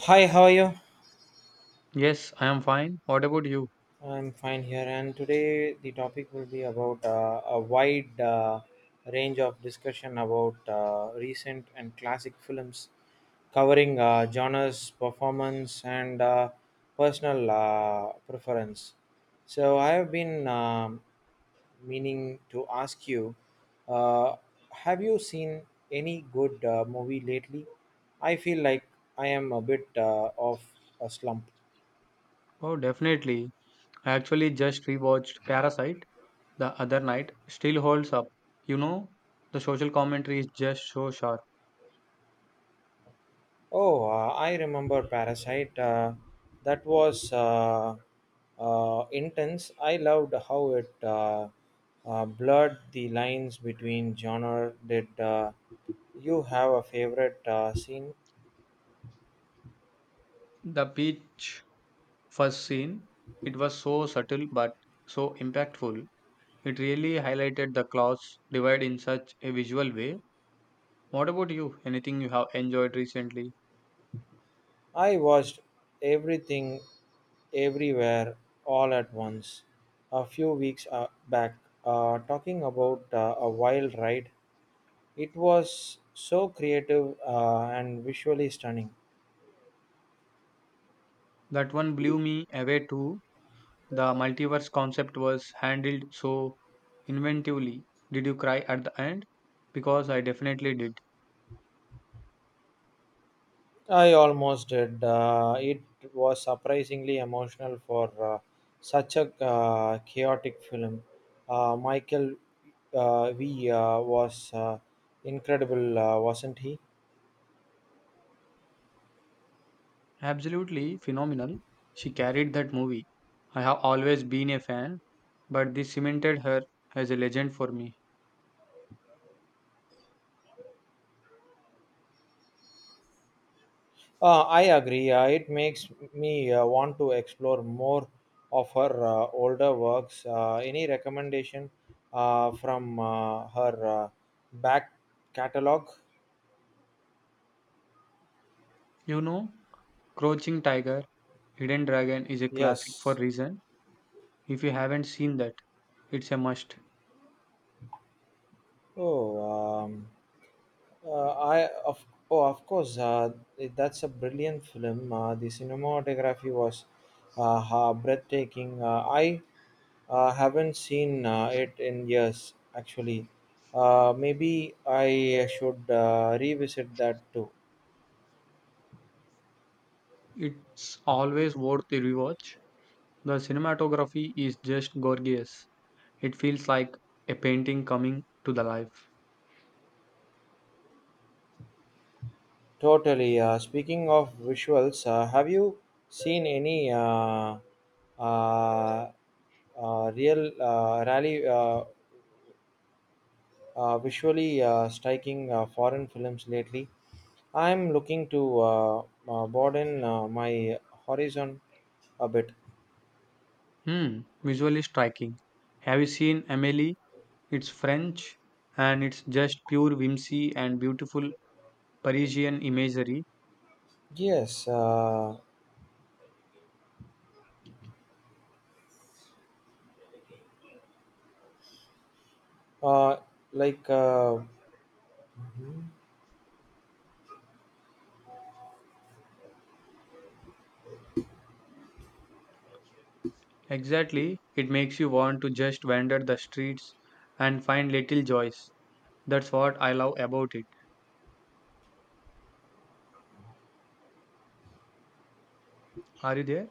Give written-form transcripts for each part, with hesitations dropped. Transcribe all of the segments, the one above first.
Hi, how are you? Yes, I am fine. What about you? I'm fine here, and today the topic will be about a wide range of discussion about recent and classic films, covering genres, performance, and personal preference. So I have been meaning to ask you uh, have you seen any good movie lately? I feel like I am a bit of a slump. Oh, definitely. I actually just rewatched Parasite the other night. Still holds up. You know, the social commentary is just so sharp. Oh, I remember Parasite. That was intense. I loved how it blurred the lines between genre. Did you have a favorite scene? The beach first scene, it was so subtle but so impactful. It really highlighted the class divide in such a visual way. What about you? Anything you have enjoyed recently? I watched everything, everywhere, all at once. A few weeks back, talking about a wild ride. It was so creative and visually stunning. That one blew me away too. The multiverse concept was handled so inventively. Did you cry at the end? Because I definitely did. I almost did. It was surprisingly emotional for such a chaotic film. Michael V was incredible, wasn't he? Absolutely phenomenal. She carried that movie. I have always been a fan, but this cemented her as a legend for me. I agree. It makes me want to explore more of her older works. Any recommendation from her back catalog? You know, Crouching Tiger, Hidden Dragon is a classic for Yes. reason. If you haven't seen that, it's a must. Oh, I of oh of course that's a brilliant film. The cinematography was breathtaking. I haven't seen it in years actually. Maybe I should revisit that too. It's always worth the rewatch. The cinematography is just gorgeous. It feels like a painting coming to the life. Totally. Speaking of visuals, have you seen any uh, real rally visually striking foreign films lately? I'm looking to broaden my horizon a bit. Hmm, visually striking. Have you seen Amelie? It's French and it's just pure whimsy and beautiful Parisian imagery. Yes, uh, uh, like, uh, Exactly, it makes you want to just wander the streets and find little joys. That's what I love about it. Are you there?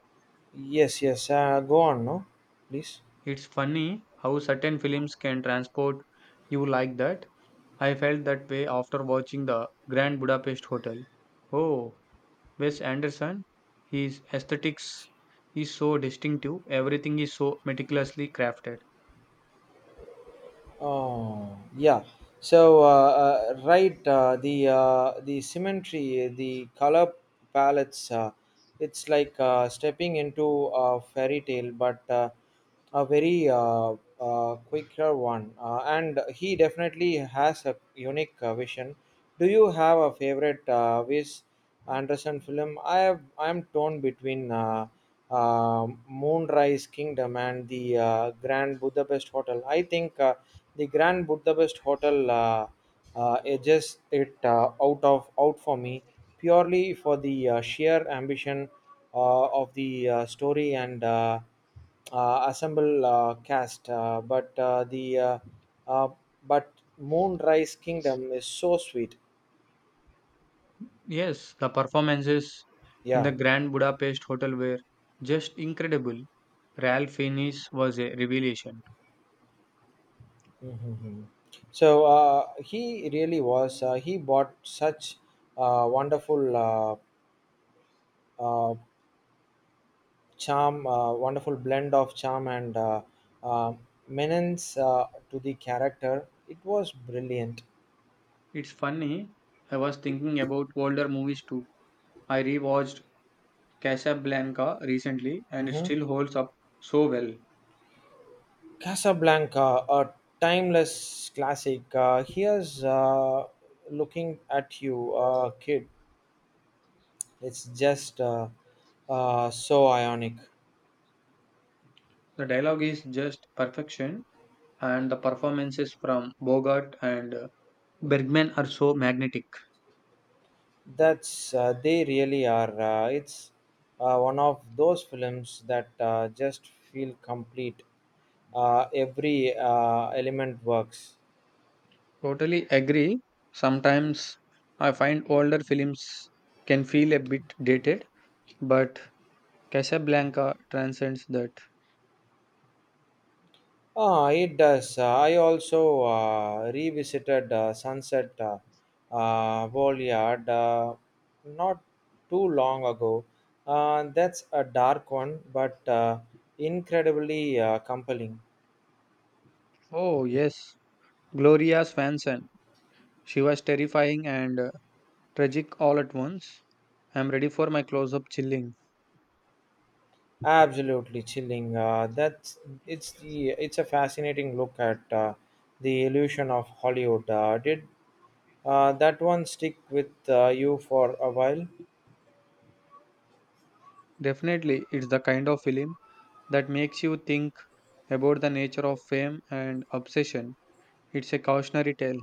yes, yes, go on, no, please. It's funny how certain films can transport you like that. I felt that way after watching The Grand Budapest Hotel. Oh, Wes Anderson, his aesthetics is so distinctive, everything is so meticulously crafted. Oh yeah. So right, the symmetry, the color palettes, it's like stepping into a fairy tale, but a very quicker one. And he definitely has a unique vision. Do you have a favorite vis? Anderson film. I am torn between Moonrise Kingdom and the Grand Budapest Hotel. I think the Grand Budapest Hotel edges it out for me purely for the sheer ambition of the story and assemble cast. But the uh, but Moonrise Kingdom is so sweet. Yes, the performances in Yeah. The Grand Budapest Hotel were just incredible. Ralph Fiennes was a revelation. Hmm. So he really was. He bought such wonderful uh, charm, wonderful blend of charm and uh, menace to the character. It was brilliant. It's funny, I was thinking about older movies too. I rewatched Casablanca recently and it Hmm. still holds up so well. Casablanca, a timeless classic. Here's looking at you, kid. It's just so ionic. The dialogue is just perfection, and the performances from Bogart and Bergman are so magnetic. That's, they really are. It's one of those films that just feel complete. Every element works. Totally agree. Sometimes I find older films can feel a bit dated, but Casablanca transcends that. Ah, it does. I also revisited Sunset Boulevard not too long ago. That's a dark one, but incredibly compelling. Oh, yes, Gloria Swanson. She was terrifying and tragic all at once. I'm ready for my close up chilling. Absolutely chilling. That's it's a fascinating look at the illusion of Hollywood. Did that one stick with you for a while? Definitely, it's the kind of film that makes you think about the nature of fame and obsession. It's a cautionary tale.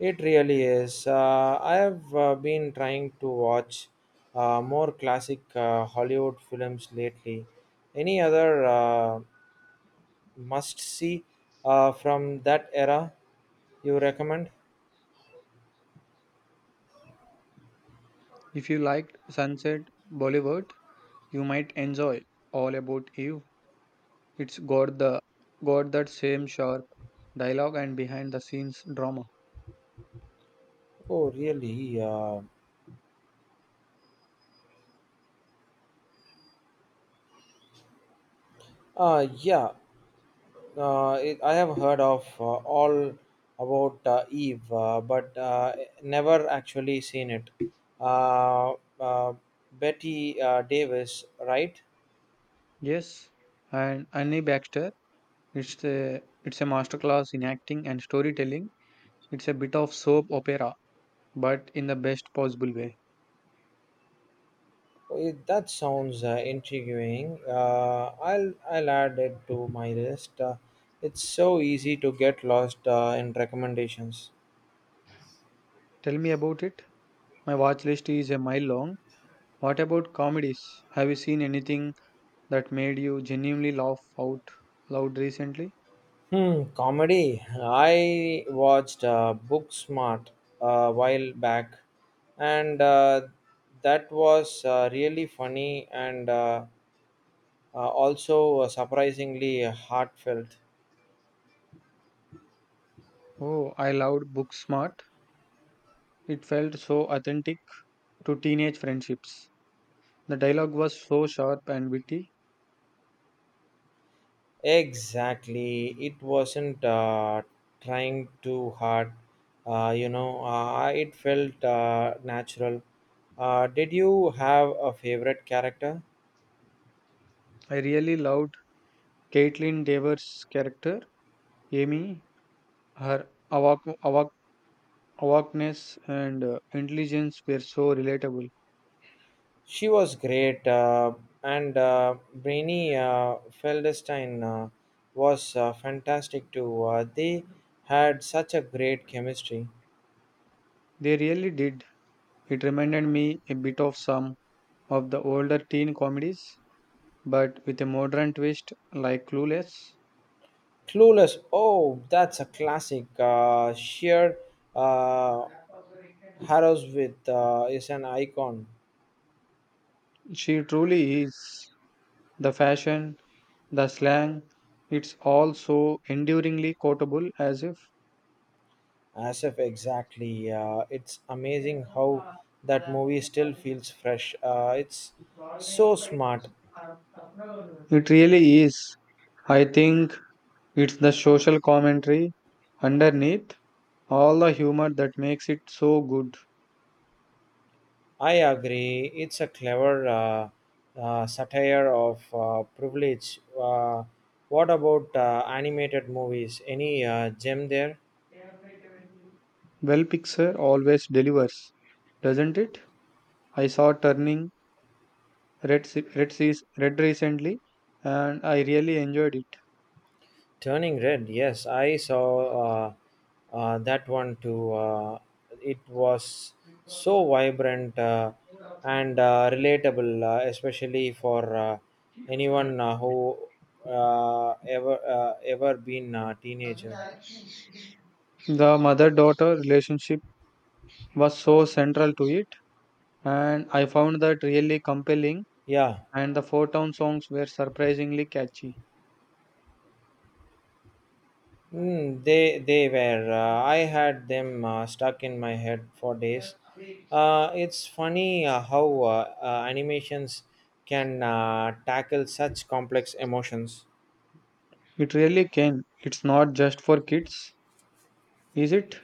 It really is. I have been trying to watch more classic Hollywood films lately. Any other must see from that era you recommend? If you liked Sunset Boulevard, you might enjoy All About Eve. It's got the got that same sharp dialogue and behind the scenes drama. Oh, really? Yeah. I have heard of all about Eve, but never actually seen it. Uh, uh, Betty Davis, right? Yes, and Annie Baxter, it's a masterclass in acting and storytelling. It's a bit of soap opera, but in the best possible way. That sounds intriguing. I'll add it to my list. It's so easy to get lost in recommendations. Tell me about it. My watch list is a mile long. What about comedies? Have you seen anything that made you genuinely laugh out loud recently? Hmm, comedy. I watched Booksmart a while back, and that was really funny and also surprisingly heartfelt. Oh, I loved Booksmart. It felt so authentic to teenage friendships. The dialogue was so sharp and witty. Exactly, it wasn't trying too hard. You know, it felt natural. Did you have a favorite character? I really loved Caitlin Dever's character, Amy. Her awakeness and intelligence were so relatable. She was great, and Brainy Feldstein was fantastic too. They had such a great chemistry. They really did. It reminded me a bit of some of the older teen comedies, but with a modern twist like Clueless. Clueless, oh, that's a classic. Sheer uh, Harrowsmith is an icon. She truly is. The fashion, the slang, it's all so enduringly quotable as if As if exactly, it's amazing how that movie still feels fresh. It's so smart. it really is. I think it's the social commentary underneath all the humor that makes it so good. I agree. It's a clever satire of privilege. What about animated movies? Any gem there? Well, Pixar always delivers, doesn't it? I saw Turning Red, se- Red, seas Red recently and I really enjoyed it. Turning Red, yes, I saw uh, that one too. It was so vibrant and relatable, especially for anyone who ever been a teenager. The mother daughter relationship was so central to it, and I found that really compelling, Yeah. and the four town songs were surprisingly catchy. Mm, they were. I had them stuck in my head for days. It's funny how animations can tackle such complex emotions. It really can. It's not just for kids, is it?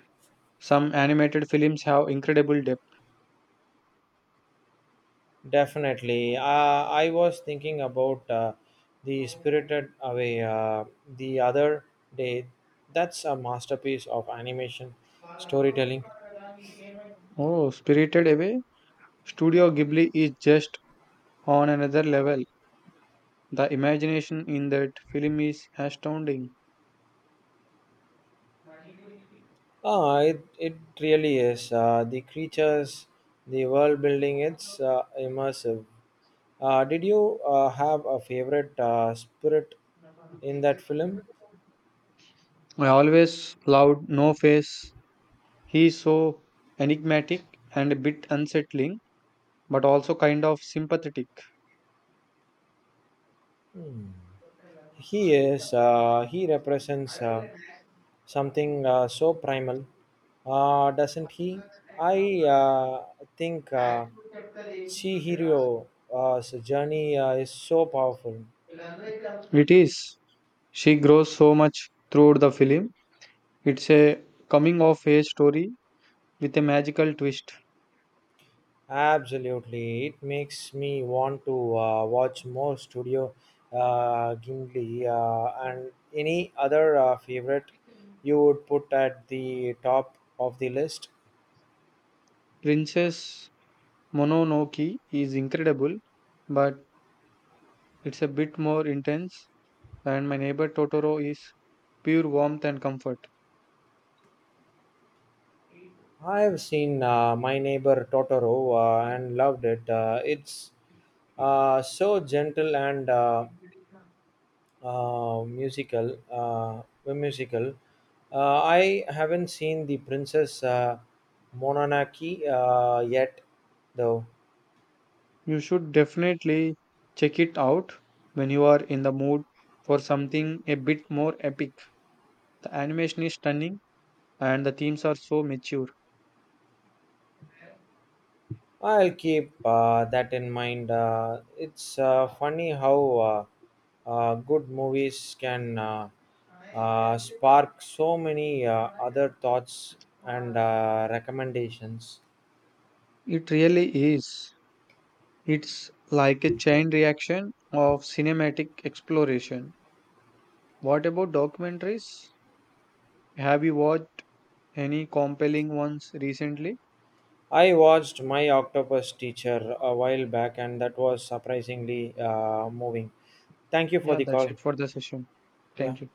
Some animated films have incredible depth. Definitely. I was thinking about the Spirited Away the other day. That's a masterpiece of animation storytelling. Oh, Spirited Away? Studio Ghibli is just on another level. The imagination in that film is astounding. Ah, it really is. The creatures, the world building, it's immersive. Did you have a favorite spirit in that film? I always loved No Face. He is so enigmatic and a bit unsettling, but also kind of sympathetic. He is. He represents something so primal, doesn't he? I think Chihiro's journey is so powerful. It is. She grows so much throughout the film. It's a coming of age story with a magical twist. Absolutely, it makes me want to watch more Studio Ghibli. And any other favorite you would put at the top of the list? Princess Mononoke is incredible, but it's a bit more intense, and my neighbor Totoro is pure warmth and comfort. I have seen My Neighbor Totoro and loved it. It's so gentle and musical. Musical. I haven't seen the Princess Mononoke yet, though. You should definitely check it out when you are in the mood for something a bit more epic. The animation is stunning and the themes are so mature. I'll keep that in mind. It's funny how good movies can spark so many other thoughts and recommendations. It really is. It's like a chain reaction of cinematic exploration. What about documentaries? Have you watched any compelling ones recently? I watched My Octopus Teacher a while back, and that was surprisingly moving. Thank you for Yeah, the that's call. it for the session. Yeah. Thank you.